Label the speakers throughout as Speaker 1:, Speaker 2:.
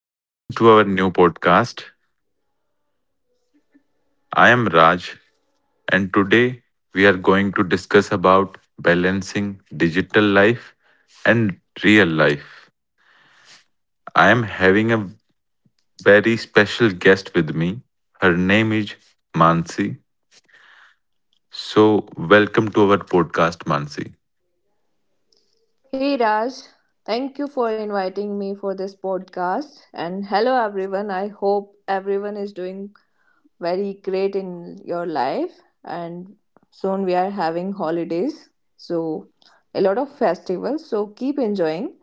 Speaker 1: welcome to our new podcast. I am Raj and today we are going to discuss about balancing digital life and real life. I am having a very special guest with me. Her name is Mansi. So, welcome to our podcast Mansi.
Speaker 2: Hey Raj, thank you for inviting me for this podcast. And hello everyone. I hope everyone is doing very great in your life. And soon we are having holidays, so a lot of festivals. So keep enjoying.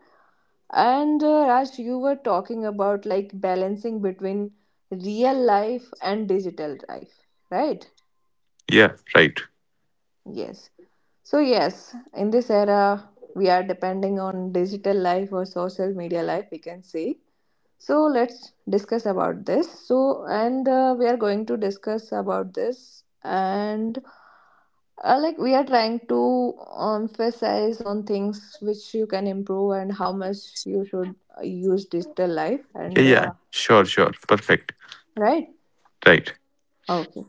Speaker 2: And Raj, you were talking about like balancing between real life and digital life, right?
Speaker 1: Yeah, right.
Speaker 2: Yes. So, yes, in this era, we are depending on digital life or social media life, we can say. So, let's discuss about this. So, and we are going to discuss about this, and like we are trying to emphasize on things which you can improve and how much you should use digital life,
Speaker 1: Yeah,
Speaker 2: and
Speaker 1: yeah. Sure, sure. Perfect.
Speaker 2: right?
Speaker 1: Right.
Speaker 2: Okay.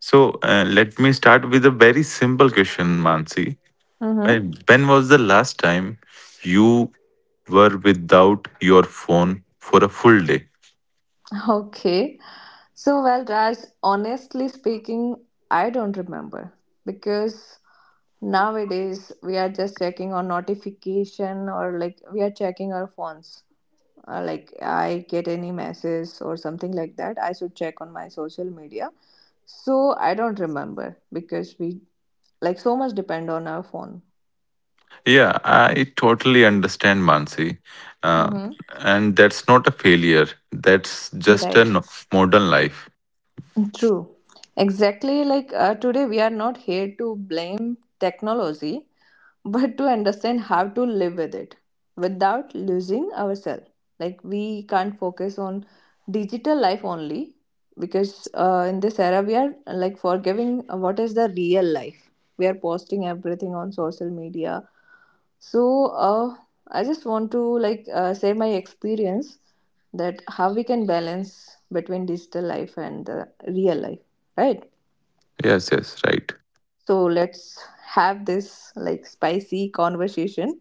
Speaker 1: So, let me start with a very simple question Mansi.
Speaker 2: Mm-hmm.
Speaker 1: When was the last time you were without your phone for a full day?
Speaker 2: Okay. So, well, Raj, honestly speaking, I don't remember because nowadays, we are just checking on notification or like we are checking our phones. Like I get any message or something like that, I should check on my social media. So I don't remember because we like so much depend on our phone.
Speaker 1: Yeah, I totally understand, Mansi. Uh,
Speaker 2: Mm-hmm.
Speaker 1: and that's not a failure. That's just a
Speaker 2: Right.
Speaker 1: modern life.
Speaker 2: True. Exactly. Like today, we are not here to blame technology, but to understand how to live with it without losing ourselves. Like we can't focus on digital life only because in this era we are like forgiving what is the real life. We are posting everything on social media. So I just want to like share my experience that how we can balance between digital life and the real life, right?
Speaker 1: Yes, yes, right.
Speaker 2: So let's have this like spicy conversation.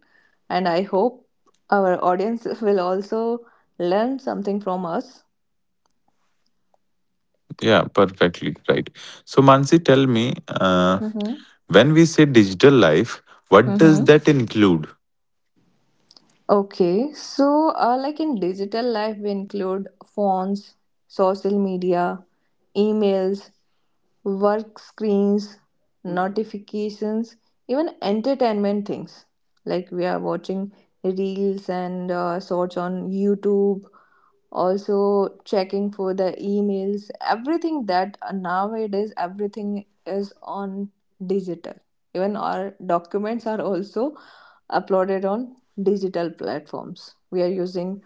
Speaker 2: And I hope our audience will also learn something from us.
Speaker 1: Yeah, perfectly right. So, Mansi, tell me,
Speaker 2: Mm-hmm.
Speaker 1: when we say digital life, what does
Speaker 2: Mm-hmm.
Speaker 1: that include?
Speaker 2: Okay, so like in digital life, we include phones, social media, emails, work screens, notifications, even entertainment things. Like we are watching reels and shorts on YouTube, also checking for the emails. Everything that nowadays everything is on digital, even our documents are also uploaded on digital platforms. We are using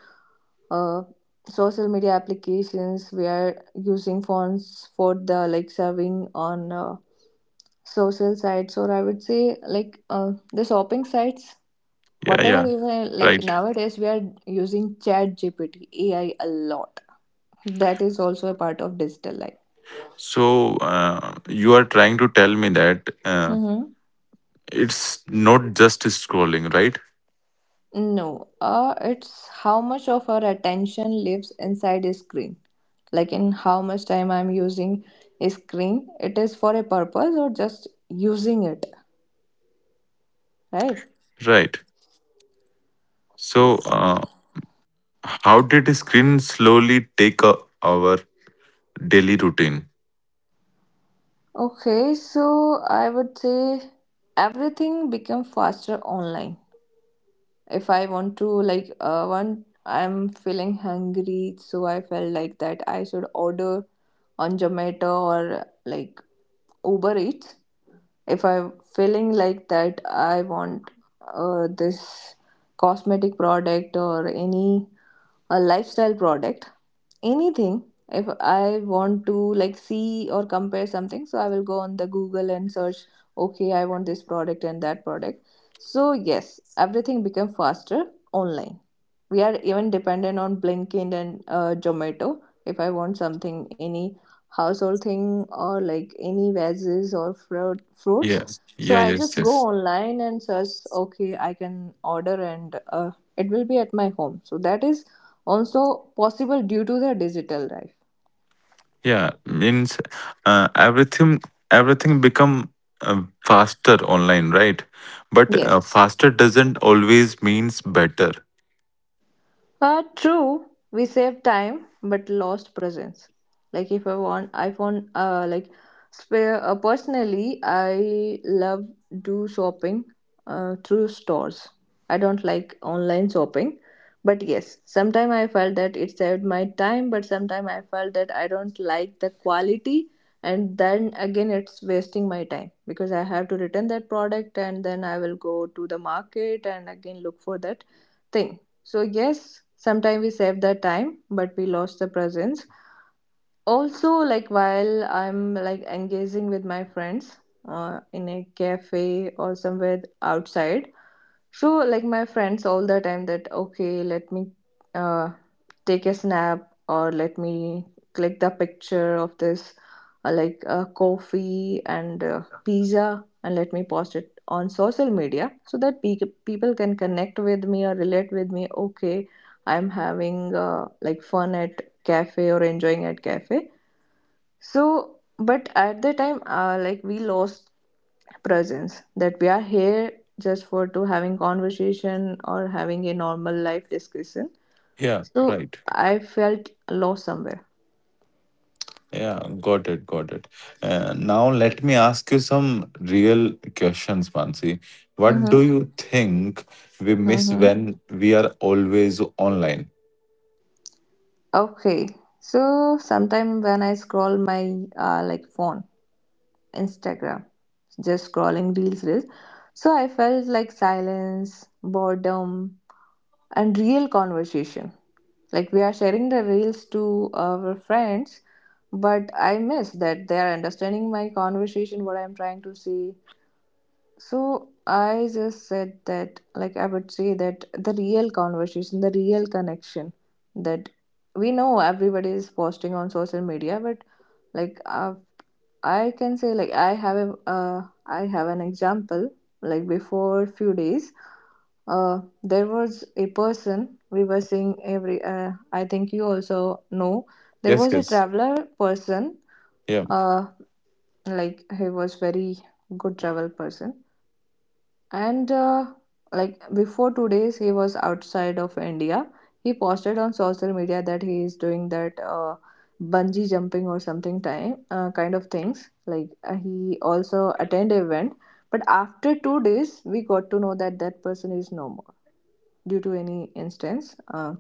Speaker 2: uh, social media applications. We are using fonts for the like serving on social sites, or I would say like the shopping sites
Speaker 1: Yeah,
Speaker 2: whatever.
Speaker 1: yeah,
Speaker 2: Even like
Speaker 1: right.
Speaker 2: nowadays we are using Chat GPT, AI a lot. That is also a part of digital life.
Speaker 1: So, you are trying to tell me that,
Speaker 2: Mm-hmm.
Speaker 1: it's not just scrolling, right?
Speaker 2: No, it's how much of our attention lives inside a screen. Like in how much time I'm using a screen, it is for a purpose or just using it, right?
Speaker 1: Right. So,
Speaker 2: Yes.
Speaker 1: how did screen slowly take our daily routine?
Speaker 2: Okay, so I would say everything become faster online. If I want to like one, I'm feeling hungry, so I felt like that I should order on Zomato or like Uber Eats. If I'm feeling like that, I want this cosmetic product or any a lifestyle product, anything. If I want to like see or compare something, so I will go on the Google and search, okay, I want this product and that product. So yes, everything become faster online. We are even dependent on Blinkit and Zomato. If I want something, any household thing or like any veggies or fruit
Speaker 1: Yeah.
Speaker 2: fruits, so
Speaker 1: Yeah.
Speaker 2: I
Speaker 1: Yes.
Speaker 2: just go
Speaker 1: Yes.
Speaker 2: online and search. Okay, I can order and it will be at my home. So that is also possible due to the digital life.
Speaker 1: Yeah, means uh, everything everything become faster online, right? But
Speaker 2: Yes.
Speaker 1: faster doesn't always means better.
Speaker 2: True, we saved time but lost presence. Like if I want, I found like spare personally, I love do shopping through stores. I don't like online shopping, but yes, sometime I felt that it saved my time, but sometime I felt that I don't like the quality, and then again it's wasting my time because I have to return that product and then I will go to the market and again look for that thing. So yes, sometimes we saved that time, but we lost the presence. Also like while I'm like engaging with my friends in a cafe or somewhere outside, so like my friends all the time that okay, let me uh, take a snap or let me click the picture of this coffee and pizza and let me post it on social media so that people can connect with me or relate with me. Okay, I'm having like fun at cafe or enjoying at cafe. So but at the time like we lost presence that we are here just for to having conversation or having a normal life discussion.
Speaker 1: Yeah.
Speaker 2: So
Speaker 1: Right.
Speaker 2: I felt lost somewhere.
Speaker 1: Yeah, got it, got it. Now let me ask you some real questions, Mansi. What do
Speaker 2: Mm-hmm.
Speaker 1: you think we miss
Speaker 2: Mm-hmm.
Speaker 1: when we are always online?
Speaker 2: Okay, so sometime when I scroll my like phone, Instagram, just scrolling reels, so I felt like silence, boredom, and real conversation. Like we are sharing the reels to our friends, but I miss that they are understanding my conversation, what I'm trying to say. So I just said that, like, I would say that the real conversation, the real connection that we know everybody is posting on social media, but like, I can say like I have a I have an example, like before few days there was a person we were seeing every I think you also know there
Speaker 1: Yes,
Speaker 2: was a
Speaker 1: yes.
Speaker 2: traveler person.
Speaker 1: Yeah,
Speaker 2: uh, like he was very good travel person, and like before 2 days he was outside of India. He posted on social media that he is doing that bungee jumping or something time, kind of things, like he also attend event. But after 2 days we got to know that that person is no more due to any instance.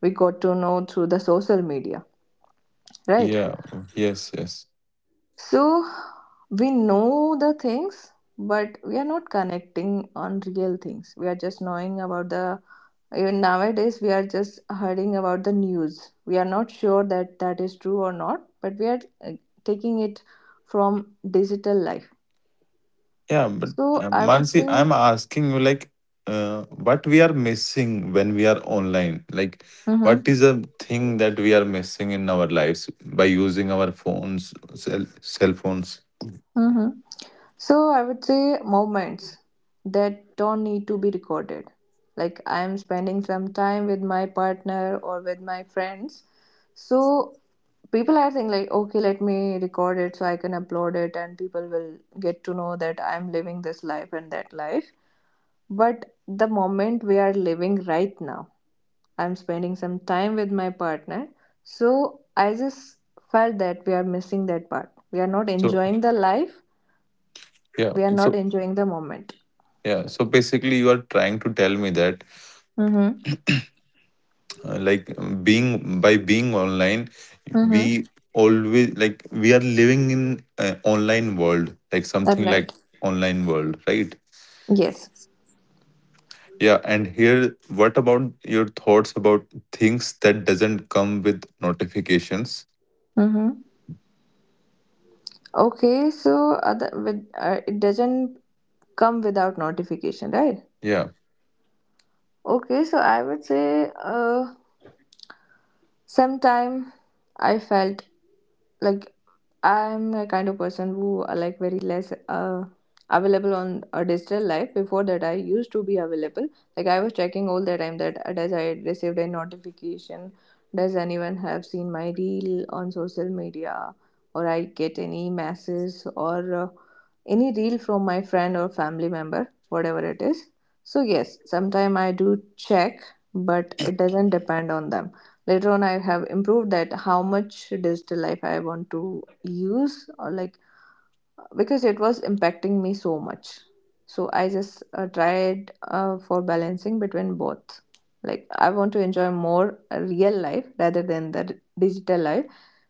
Speaker 2: We got to know through the social media, right?
Speaker 1: yeah, yes, yes.
Speaker 2: So we know the things but we are not connecting on real things. We are just knowing about the, even nowadays we are just hearing about the news. We are not sure that that is true or not, but we are uh, taking it from digital life.
Speaker 1: Yeah, but
Speaker 2: So I would
Speaker 1: Mansi,
Speaker 2: say,
Speaker 1: I'm asking you like what we are missing when we are online? Like
Speaker 2: mm-hmm.
Speaker 1: what is a thing that we are missing in our lives by using our phones, cell phones?
Speaker 2: Mm-hmm. So I would say moments that don't need to be recorded, like I am spending some time with my partner or with my friends. So people are thinking like okay, let me record it so I can upload it and people will get to know that I'm living this life and that life. But the moment we are living right now, I'm spending some time with my partner. So I just felt that we are missing that part. We are not
Speaker 1: So,
Speaker 2: enjoying the life.
Speaker 1: yeah.
Speaker 2: We are not
Speaker 1: So.
Speaker 2: enjoying the moment.
Speaker 1: Yeah, so basically, you are trying to tell me that,
Speaker 2: Mm-hmm.
Speaker 1: like, being online,
Speaker 2: Mm-hmm.
Speaker 1: we always like we are living in an online world, like
Speaker 2: All
Speaker 1: something like
Speaker 2: right.
Speaker 1: online world, right?
Speaker 2: Yes.
Speaker 1: Yeah, and here, what about your thoughts about things that doesn't come with notifications?
Speaker 2: Mm-hmm. Okay. So other with it doesn't come without notification, right?
Speaker 1: Yeah,
Speaker 2: Okay, so I would say sometime I felt like I'm a kind of person who are like very less available on a digital life. Before that, I used to be available. Like I was checking all the time that does I received a notification, does anyone have seen my reel on social media, or I get any messages or any reel from my friend or family member, whatever it is. So yes, sometime I do check, but it doesn't depend on them. Later on, I have improved that how much digital life I want to use or like because it was impacting me so much. So I just tried for balancing between both. Like I want to enjoy more real life rather than the digital life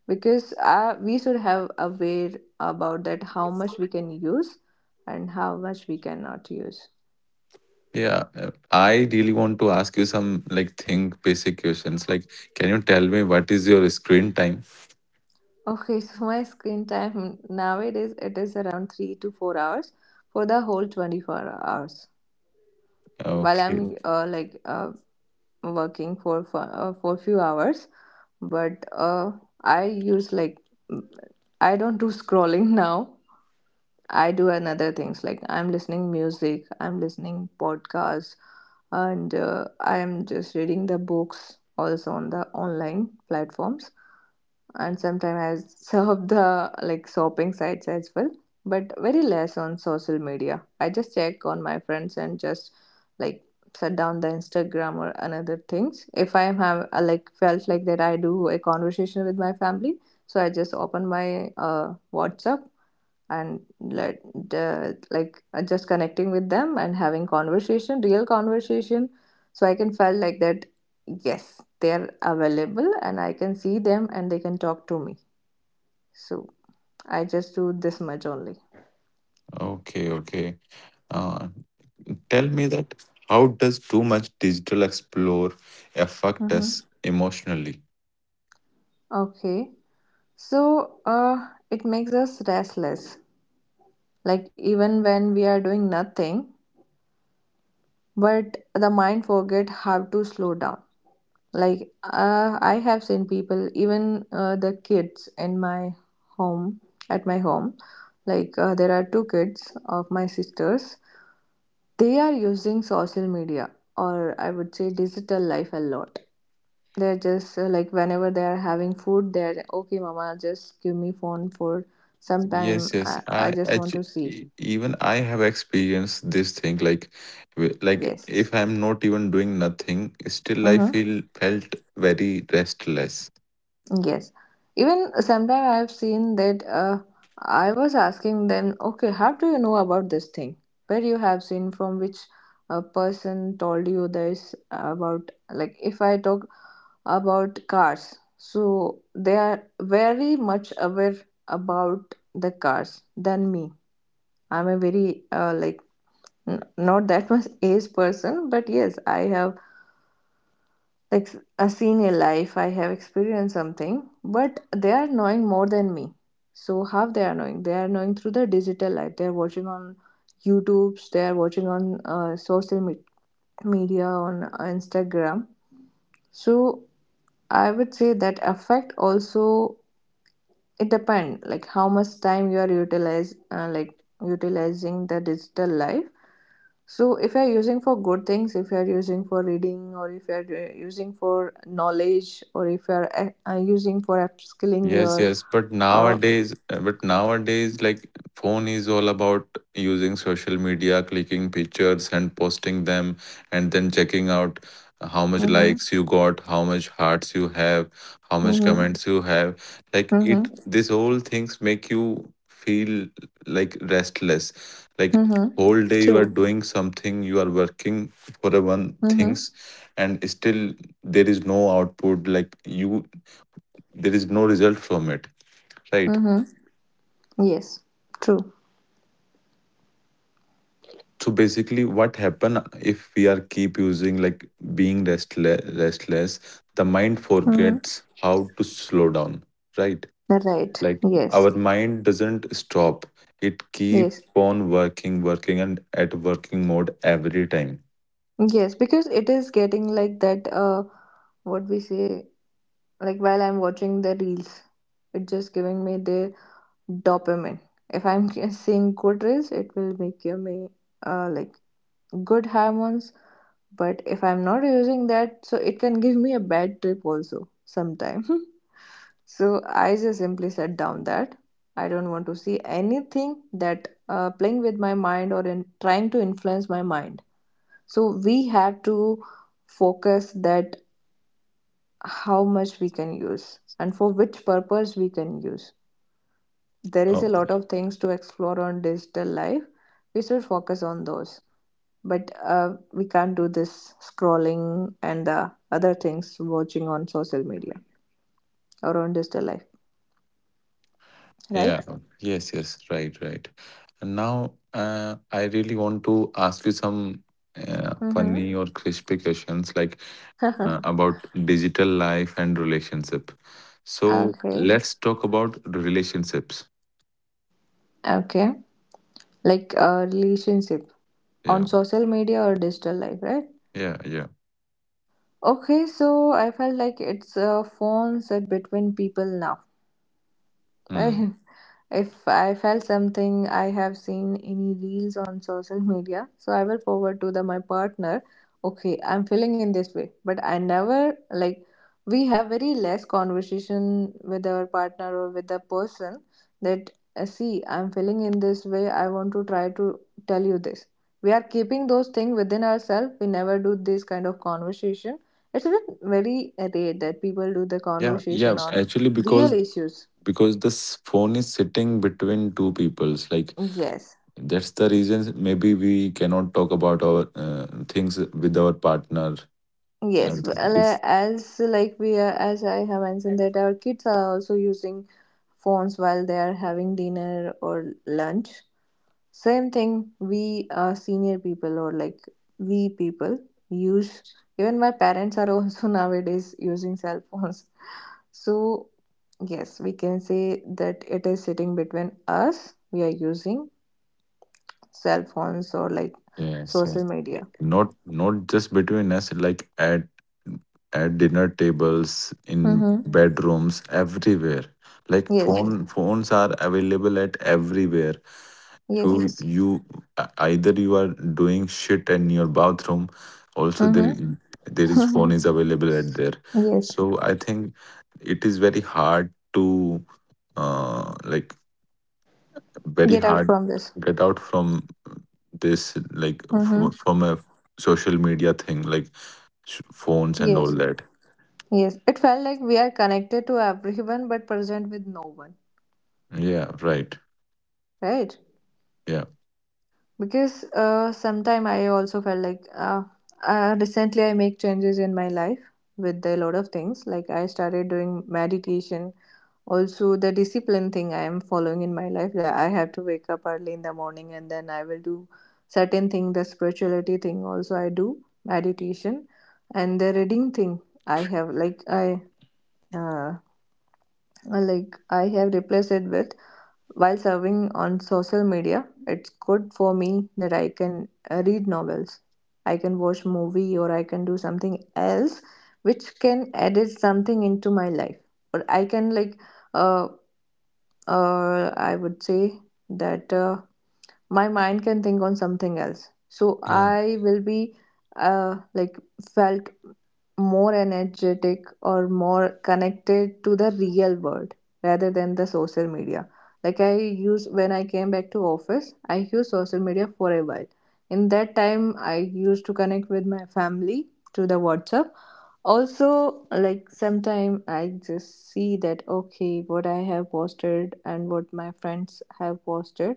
Speaker 2: because we should have aware about that how much we can use and how much we cannot use.
Speaker 1: yeah. I really want to ask you some like think basic questions. Like, can you tell me what is your screen time?
Speaker 2: Okay, so my screen time nowadays it is around 3 to 4 hours for the whole 24 hours. While
Speaker 1: Okay,
Speaker 2: I'm working for few hours, but I use like mm, I don't do scrolling now. I do another things like I'm listening music, I'm listening podcasts, and I'm just reading the books also on the online platforms, and sometimes I serve the like shopping sites as well, but very less on social media. I just check on my friends and just like shut down the Instagram or another things. If I have like felt like that, I do a conversation with my family, so I just open my WhatsApp and let the, like just connecting with them and having conversation, real conversation, so I can felt like that yes, they're available and I can see them and they can talk to me. So I just do this much only.
Speaker 1: okay, okay. Uh, tell me that how does too much digital explore affect
Speaker 2: Mm-hmm.
Speaker 1: us emotionally?
Speaker 2: Okay, so it makes us restless, like even when we are doing nothing, but the mind forget how to slow down. Like, I have seen people, even the kids in my home, at my home, like, there are two kids of my sisters. They are using social media, or I would say digital life, a lot. They're just like, whenever they are having food, they're okay, mama, just give me phone for some time.
Speaker 1: Yes, yes.
Speaker 2: I
Speaker 1: I
Speaker 2: just want to
Speaker 1: actually,
Speaker 2: see.
Speaker 1: even I have experienced this thing. Like, like
Speaker 2: Yes.
Speaker 1: if I'm not even doing nothing, still I
Speaker 2: Mm-hmm.
Speaker 1: feel felt very restless.
Speaker 2: Yes. Even sometimes I've seen that I was asking them, okay, how do you know about this thing? Where you have seen from which person told you this about, like if I talk about cars, so they are very much aware about the cars than me. I'm a very like not that much age person, but yes, I have seen a senior life. I have experienced something, but they are knowing more than me. So how they are knowing, they are knowing through the digital life. They are watching on youtubes, they are watching on social media, on Instagram. So I would say that affect also. It depend like how much time you are utilize like utilizing the digital life. So if you're using for good things, if you're using for reading, or if you're using for knowledge, or if you're using for upskilling
Speaker 1: Yes,
Speaker 2: your
Speaker 1: yes, but
Speaker 2: uh
Speaker 1: nowadays, uh, but nowadays, like phone is all about using social media, clicking pictures and posting them, and then checking out how much
Speaker 2: mhm.
Speaker 1: likes you got, how much hearts you have, how much
Speaker 2: Mhm.
Speaker 1: comments you have. Like
Speaker 2: Mhm.
Speaker 1: this whole things make you feel like restless. Like
Speaker 2: Mhm.
Speaker 1: whole day you are
Speaker 2: True.
Speaker 1: doing something, you are working for a one
Speaker 2: Mhm.
Speaker 1: things, and still there is no output. Like you, there is no result from it. Right.
Speaker 2: Mhm. Yes. True.
Speaker 1: So basically, what happen if we are keep using like being restless? Restless, the mind
Speaker 2: Mhm.
Speaker 1: forgets how to slow down. Right.
Speaker 2: Right.
Speaker 1: Like
Speaker 2: Yes.
Speaker 1: our mind doesn't stop; it keep
Speaker 2: Yes.
Speaker 1: on working, working, and at working mode every time.
Speaker 2: Yes, because it is getting like that what we say, like while I'm watching the reels, it just giving me the dopamine. If I'm seeing good reels, it will make give me like good hormones. But if I'm not using that, so it can give me a bad trip also sometime. So I just simply set down that I don't want to see anything that playing with my mind or in trying to influence my mind. So we have to focus that how much we can use and for which purpose we can use. There is a
Speaker 1: Oh,
Speaker 2: lot of things to explore on digital life. We should focus on those. But we can't do this scrolling and the other things watching on social media or on digital life, right?
Speaker 1: yeah. Yes. Yes. Right. Right. And now, I really want to ask you some
Speaker 2: Mm-hmm.
Speaker 1: funny or crispy questions. Like, about digital life and relationship. So
Speaker 2: Okay.
Speaker 1: let's talk about relationships.
Speaker 2: Okay. Like a relationship
Speaker 1: Yeah,
Speaker 2: on social media or digital life, right?
Speaker 1: yeah, yeah.
Speaker 2: Okay, so I felt like it's phones that between people now.
Speaker 1: Hmm.
Speaker 2: I, if I felt something, I have seen any reels on social media, so I will forward to the my partner. Okay, I'm feeling in this way, but I never like, we have very less conversation with our partner or with the person that, see, I'm feeling in this way. I want to try to tell you this. We are keeping those things within ourselves. We never do this kind of conversation. It's a bit very rare that people do the
Speaker 1: Yeah, yeah.
Speaker 2: conversation on
Speaker 1: Actually, because
Speaker 2: real issues.
Speaker 1: because this phone is sitting between two peoples, like
Speaker 2: Yes,
Speaker 1: that's the reason. Maybe we cannot talk about our things with our partner. I
Speaker 2: yes. Well,
Speaker 1: this-
Speaker 2: as like we are, as I have mentioned that our kids are also using phones while they are having dinner or lunch. Same thing. We senior people, or like we people, use. Even my parents are also nowadays using cell phones. So yes, we can say that it is sitting between us. We are using cell phones or like
Speaker 1: Yes,
Speaker 2: social
Speaker 1: yes.
Speaker 2: media.
Speaker 1: Not just between us, like at dinner tables, in
Speaker 2: Mm-hmm.
Speaker 1: bedrooms, everywhere. Like
Speaker 2: Yes.
Speaker 1: phones are available at everywhere. You
Speaker 2: Yes.
Speaker 1: Yes. you either you are doing shit in your bathroom, also there
Speaker 2: Mm-hmm.
Speaker 1: there is phone is available at there.
Speaker 2: Yes,
Speaker 1: So I think it is very hard to uh like very
Speaker 2: get out
Speaker 1: hard
Speaker 2: from this.
Speaker 1: get out from this like
Speaker 2: Mm-hmm.
Speaker 1: from a social media thing like phones and all
Speaker 2: Yes,
Speaker 1: that.
Speaker 2: yes. It felt like we are connected to everyone but present with no one,
Speaker 1: Yeah, right.
Speaker 2: right?
Speaker 1: Yeah.
Speaker 2: Because sometime I also felt like recently I make changes in my life with a lot of things. Like I started doing meditation. Also, the discipline thing I am following in my life, that I have to wake up early in the morning and then I will do certain thing. The spirituality thing also I do meditation, and the reading thing, I have Uh, like I have replaced it with, while serving on social media, it's good for me that I can read novels, I can watch movie, or I can do something else which can add something into my life. Or I can like uh, I would say that my mind can think on something else. So
Speaker 1: Yeah,
Speaker 2: I will be uh like felt more energetic or more connected to the real world rather than the social media. Like I use when I came back to office, I used social media for a while. In that time, I used to connect with my family through the WhatsApp. Also, like sometime I just see that, okay, what I have posted and what my friends have posted,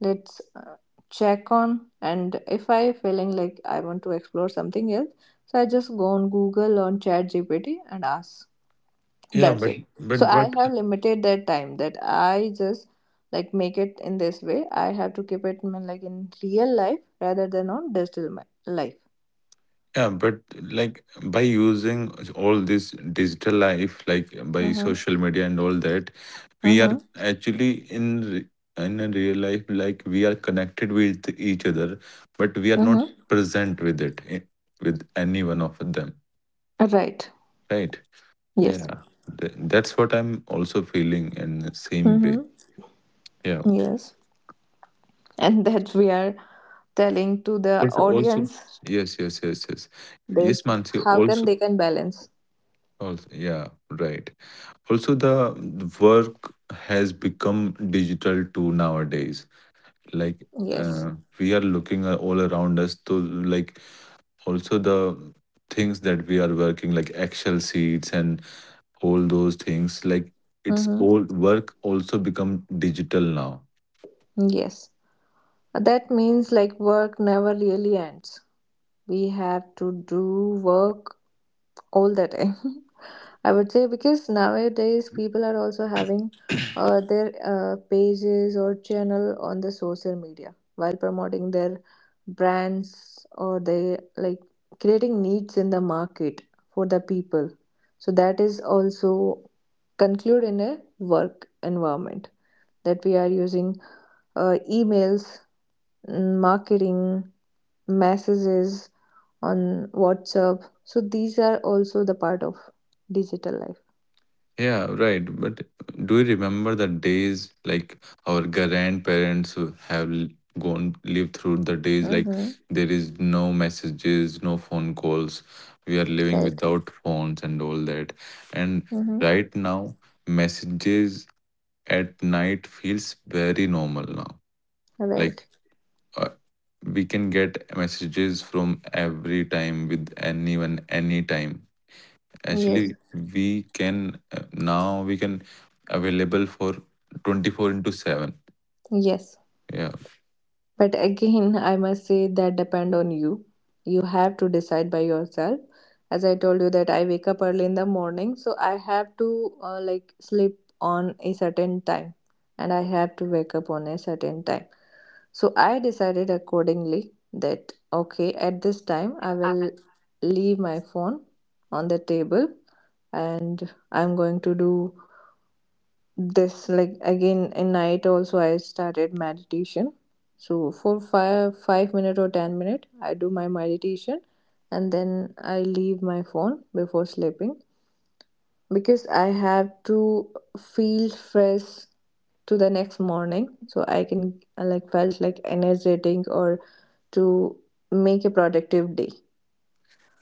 Speaker 2: let's check on. And if I feeling like I want to explore something else, so I just go on Google, on chat gpt and ask.
Speaker 1: yeah,
Speaker 2: That's it. So I
Speaker 1: but
Speaker 2: have limited that time, that I just like make it in this way. I have to keep it in, like in real life rather than on digital life.
Speaker 1: yeah, but like by using all this digital life, like by
Speaker 2: Mm-hmm.
Speaker 1: social media and all that, we are
Speaker 2: Mm-hmm.
Speaker 1: actually in in a real life, like we are connected with each other, but we are not
Speaker 2: Mm-hmm.
Speaker 1: present with any one of them,
Speaker 2: Right.
Speaker 1: right? Yeah,
Speaker 2: Yes.
Speaker 1: That's what I'm also feeling in the same way.
Speaker 2: Mm-hmm.
Speaker 1: Yeah.
Speaker 2: Yes. And that we are telling to the
Speaker 1: Also,
Speaker 2: audience,
Speaker 1: yes, yes, yes, yes,
Speaker 2: that
Speaker 1: yes, Mansi.
Speaker 2: how can
Speaker 1: Also,
Speaker 2: they can balance.
Speaker 1: also, yeah, right. Also, the work has become digital too nowadays. Like
Speaker 2: Yes.
Speaker 1: uh, we are looking all around us to like also the things that we are working like Excel sheets and all those things. Like it's
Speaker 2: Mm-hmm.
Speaker 1: all work also become digital now.
Speaker 2: Yes. That means like work never really ends. We have to do work all the time. I would say because nowadays people are also having their pages or channel on the social media, while promoting their brands, or they like creating needs in the market for the people. So that is also conclude in a work environment, that we are using emails, marketing, messages on WhatsApp. So these are also the part of digital life.
Speaker 1: Yeah, right. But do you remember the days like our grandparents who have l- gone lived through the days like
Speaker 2: Mm-hmm.
Speaker 1: there is no messages, no phone calls. We are living
Speaker 2: Right.
Speaker 1: without phones and all that. And
Speaker 2: Mm-hmm.
Speaker 1: right now, messages at night feels very normal now. Like
Speaker 2: Right.
Speaker 1: uh, we can get messages from every time with anyone, anytime
Speaker 2: Yes.
Speaker 1: actually we can now we can available for 24 into 7.
Speaker 2: Yes.
Speaker 1: Yeah,
Speaker 2: But again, I must say that depend on you. You have to decide by yourself. As I told you that I wake up early in the morning, so I have to like sleep on a certain time and I have to wake up on a certain time. So I decided accordingly that, okay, at this time I will leave my phone on the table, and I'm going to do this. Like again in night also, I started meditation. So for five five minute or 10 minutes, I do my meditation, and then I leave my phone before sleeping. Because I have to feel fresh to the next morning, so I can like felt like energetic, or to make a productive day.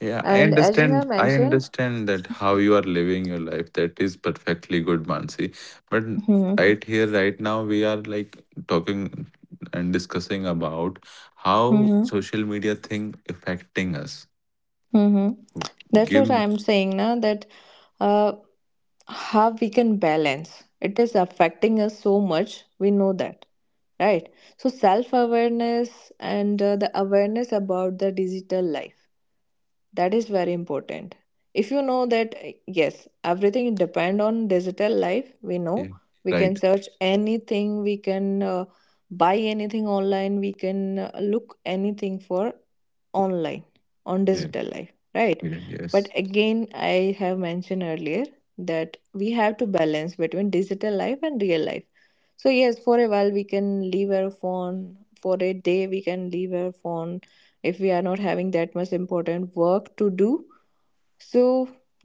Speaker 1: yeah, i
Speaker 2: And as you have
Speaker 1: understand i
Speaker 2: mentioned.
Speaker 1: understand that how you are living your life. That is perfectly good, Mansi. But
Speaker 2: Hmm.
Speaker 1: right here right now we are like talking and discussing about how
Speaker 2: Hmm.
Speaker 1: social media thing affecting us.
Speaker 2: Hmm. That's
Speaker 1: Give
Speaker 2: what
Speaker 1: me.
Speaker 2: I'm saying now, that uh, how we can balance. It is affecting us so much, we know that, right? So self awareness, and the awareness about the digital life, that is very important. If you know that, yes, everything depend on digital life, we know.
Speaker 1: Yeah,
Speaker 2: We can
Speaker 1: right.
Speaker 2: search anything, we can buy anything online, we can look anything for online, on
Speaker 1: Yeah,
Speaker 2: digital life, right?
Speaker 1: yeah.
Speaker 2: But
Speaker 1: Yes.
Speaker 2: again I have mentioned earlier, that we have to balance between digital life and real life. So yes, for a while we can leave our phone, for a day we can leave our phone, if we are not having that much important work to do. So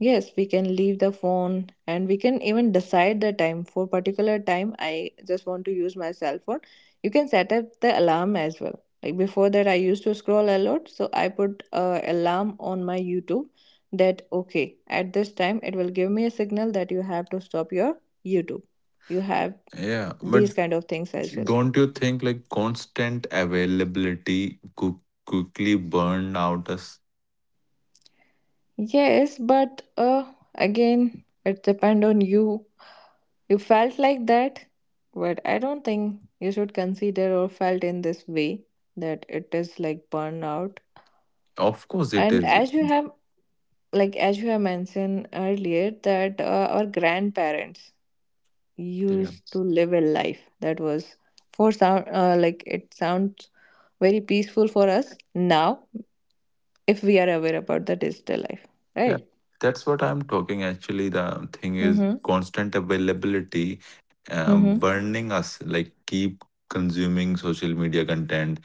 Speaker 2: yes, we can leave the phone, and we can even decide the time, for particular time I just want to use my cell phone. You can set up the alarm as well. Like before that, I used to scroll a lot, so I put a alarm on my YouTube, that okay, at this time it will give me a signal that you have to stop your YouTube. You have
Speaker 1: Yeah, but
Speaker 2: these kind of things as well.
Speaker 1: don't you think like constant availability could quickly burn out us?
Speaker 2: Yes, but again, it depend on you. You felt like that, but I don't think you should consider or felt in this way that it is like burnout.
Speaker 1: Of course it
Speaker 2: And
Speaker 1: is.
Speaker 2: as you have, like as you have mentioned earlier that our grandparents
Speaker 1: Yeah.
Speaker 2: used to live a life that was for sound, like it sounds very peaceful for us now, if we are aware about the digital life,
Speaker 1: Yeah.
Speaker 2: right?
Speaker 1: That's what I'm talking. Actually, the thing is
Speaker 2: Mm-hmm.
Speaker 1: constant availability
Speaker 2: Mm-hmm.
Speaker 1: burning us, like keep consuming social media content,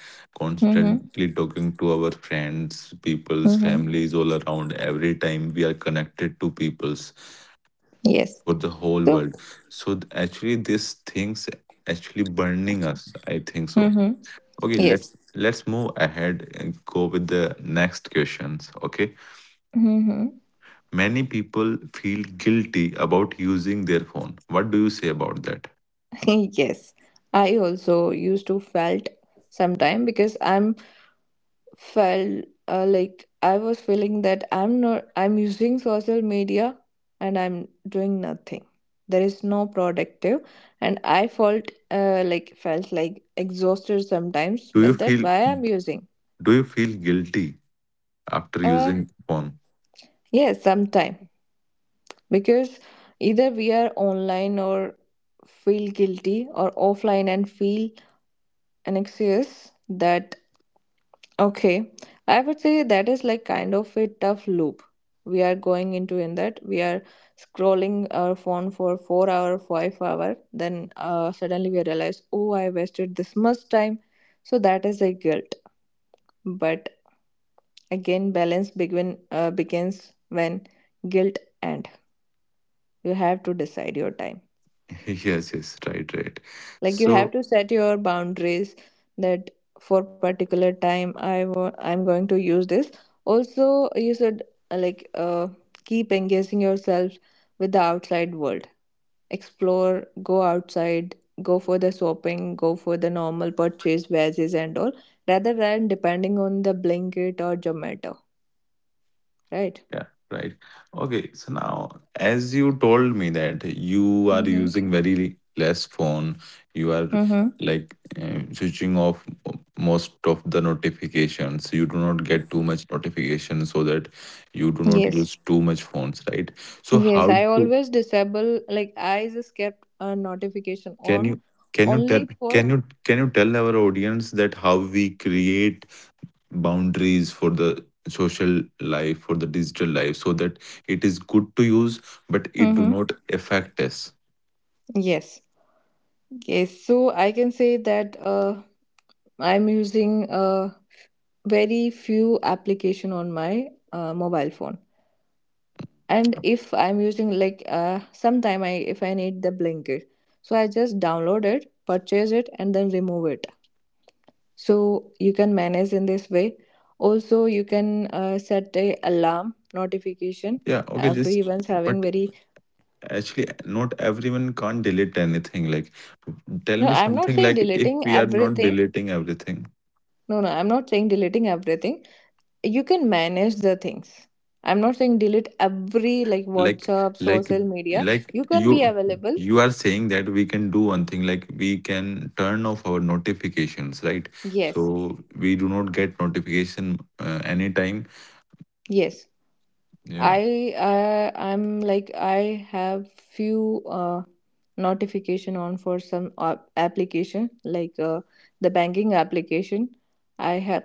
Speaker 2: Mm-hmm.
Speaker 1: constantly talking to our friends, people's
Speaker 2: Mm-hmm.
Speaker 1: families all around. Every time we are connected to people's
Speaker 2: Yes.
Speaker 1: for the whole
Speaker 2: So.
Speaker 1: world. So actually, these things actually burning us. I think so.
Speaker 2: Mm-hmm.
Speaker 1: Okay,
Speaker 2: Yes.
Speaker 1: let's move ahead and go with the next questions. Okay,
Speaker 2: Mm-hmm.
Speaker 1: many people feel guilty about using their phone. What do you say about that?
Speaker 2: Yes, I also used to felt sometime, because I'm felt like I was feeling that I'm not, I'm using social media and I'm doing nothing. There is no productive, and I felt like felt like exhausted sometimes
Speaker 1: Do you
Speaker 2: with that.
Speaker 1: feel
Speaker 2: Why I'm using?
Speaker 1: do you feel guilty after
Speaker 2: Uh,
Speaker 1: using phone?
Speaker 2: yes, sometime, because either we are online or feel guilty, or offline and feel anxious. That, okay, I would say that is like kind of a tough loop we are going into. In that, we are scrolling our phone for 4 hours, 5 hours, then suddenly we realize, oh, I wasted this much time. So that is a guilt. But again, balance begins when guilt end. You have to decide your time.
Speaker 1: Yes, yes, right, right.
Speaker 2: Like you
Speaker 1: So
Speaker 2: have to set your boundaries that for particular time, I want, I'm going to use this. Also, you should uh, like uh, keep engaging yourself with the outside world. Explore, go outside, go for the shopping, go for the normal purchase wedges and all, rather than depending on the Blanket or Zomato, right?
Speaker 1: yeah, right. Okay, so now as you told me that you are
Speaker 2: Mm-hmm.
Speaker 1: using very less phone, you are
Speaker 2: Mm-hmm.
Speaker 1: like switching off most of the notifications. You do not get too much notifications so that you do not
Speaker 2: Yes.
Speaker 1: use too much phones, right? So
Speaker 2: Yes,
Speaker 1: how
Speaker 2: I
Speaker 1: to
Speaker 2: always disable, like, I just kept a notification
Speaker 1: can
Speaker 2: on
Speaker 1: you can you tell
Speaker 2: only for.
Speaker 1: can you tell our audience that how we create boundaries for the social life for the digital life so that it is good to use but it do
Speaker 2: Mm-hmm.
Speaker 1: not affect us.
Speaker 2: Yes. Yes. So I can say that I'm using very few application on my mobile phone. And if I'm using, like sometime I, if I need the Blanket, so I just download it, purchase it, and then remove it. So you can manage in this way. Also, you can set a alarm notification.
Speaker 1: Yeah, okay, just
Speaker 2: Everyone's
Speaker 1: but
Speaker 2: having very,
Speaker 1: actually not everyone can't delete anything like tell
Speaker 2: no.
Speaker 1: me
Speaker 2: I'm not
Speaker 1: something
Speaker 2: saying
Speaker 1: like if
Speaker 2: deleting
Speaker 1: we are not
Speaker 2: everything.
Speaker 1: deleting everything
Speaker 2: No, no, I'm not saying deleting everything. You can manage the things. I'm not saying delete every, like
Speaker 1: like
Speaker 2: WhatsApp,
Speaker 1: like
Speaker 2: social media.
Speaker 1: like
Speaker 2: You can be
Speaker 1: you
Speaker 2: available.
Speaker 1: you are saying that we can do one thing like we can turn off our notifications, right?
Speaker 2: Yes,
Speaker 1: So we do not get notification anytime.
Speaker 2: yes.
Speaker 1: Yeah.
Speaker 2: I uh, i'm like i have few notification on for some application, like the banking application. I have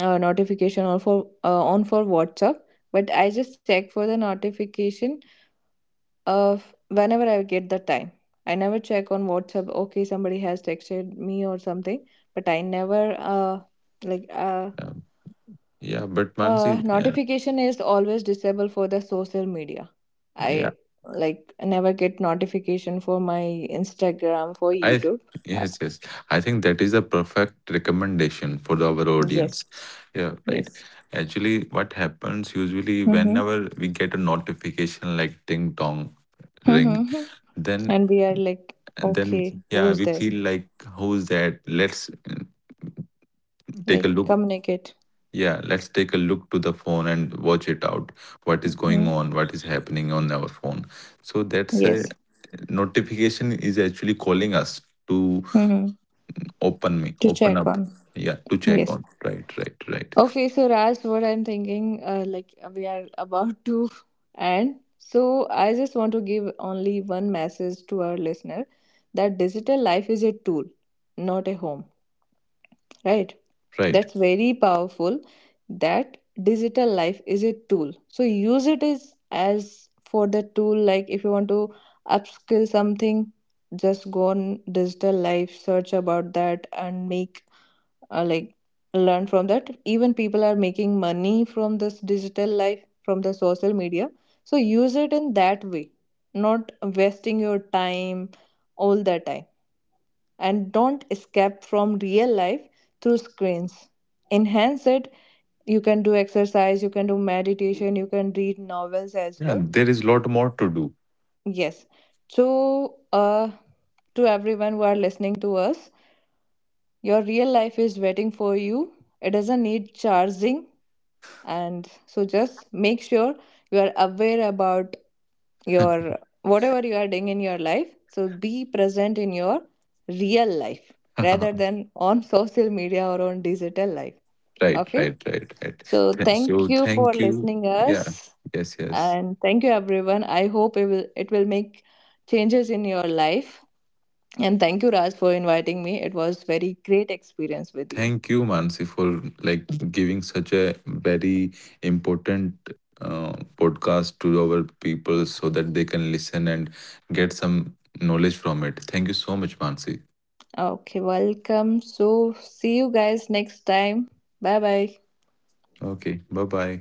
Speaker 2: a notification on for WhatsApp. But I just check for the notification whenever I get the time. I never check on WhatsApp. Okay, somebody has texted me or something, but I never like uh,
Speaker 1: Yeah, but Mansi, yeah,
Speaker 2: notification is always disabled for the social media.
Speaker 1: yeah,
Speaker 2: I, like, never get notification for my Instagram, for
Speaker 1: I
Speaker 2: YouTube. Uh,
Speaker 1: yes, yes, I think that is a perfect recommendation for our audience.
Speaker 2: yes,
Speaker 1: Yeah, right.
Speaker 2: yes.
Speaker 1: Actually, what happens usually
Speaker 2: Mm-hmm.
Speaker 1: whenever we get a notification like ding dong ring,
Speaker 2: Mm-hmm.
Speaker 1: then
Speaker 2: And we are like,
Speaker 1: and then
Speaker 2: okay, who
Speaker 1: yeah, we
Speaker 2: is there?
Speaker 1: feel like who's that? Let's take a
Speaker 2: Like
Speaker 1: look.
Speaker 2: communicate.
Speaker 1: Yeah, let's take a look to the phone and watch it out. What is going
Speaker 2: Mm-hmm.
Speaker 1: on? What is happening on our phone? So that's a
Speaker 2: Yes.
Speaker 1: notification is actually calling us to
Speaker 2: Mm-hmm.
Speaker 1: open me,
Speaker 2: To
Speaker 1: open
Speaker 2: check
Speaker 1: up.
Speaker 2: on.
Speaker 1: Yeah, to check on.
Speaker 2: Yes.
Speaker 1: Right, right, right,
Speaker 2: Okay, so Raj, what I'm thinking, we are about to end. So I just want to give only one message to our listener, that digital life is a tool, not a home, right?
Speaker 1: right.
Speaker 2: That's very powerful. That digital life is a tool. So use it as for the tool, like if you want to upskill something, just go on digital life, search about that, and make like learn from that. Even people are making money from this digital life, from the social media. So use it in that way, not wasting your time all the time. And don't escape from real life through screens. Enhance it. You can do exercise, you can do meditation, you can read novels as
Speaker 1: Yeah,
Speaker 2: well.
Speaker 1: there is lot more to do.
Speaker 2: Yes. So uh to everyone who are listening to us, your real life is waiting for you. It doesn't need charging. And so just make sure you are aware about your, whatever you are doing in your life. So be present in your real life, rather
Speaker 1: Right,
Speaker 2: than on social media or on digital life.
Speaker 1: right,
Speaker 2: Okay,
Speaker 1: right, right.
Speaker 2: so
Speaker 1: So
Speaker 2: thank you
Speaker 1: thank
Speaker 2: for
Speaker 1: you.
Speaker 2: listening
Speaker 1: Yeah.
Speaker 2: us.
Speaker 1: Yes, yes.
Speaker 2: And thank you everyone, I hope it will, it will make changes in your life. And thank you Raj for inviting me, it was very great experience with you.
Speaker 1: Thank you, Mansi, for like giving such a very important podcast to our people so that they can listen and get some knowledge from it. Thank you so much, Mansi.
Speaker 2: Okay, welcome. So see you guys next time. Bye bye.
Speaker 1: Okay, bye bye.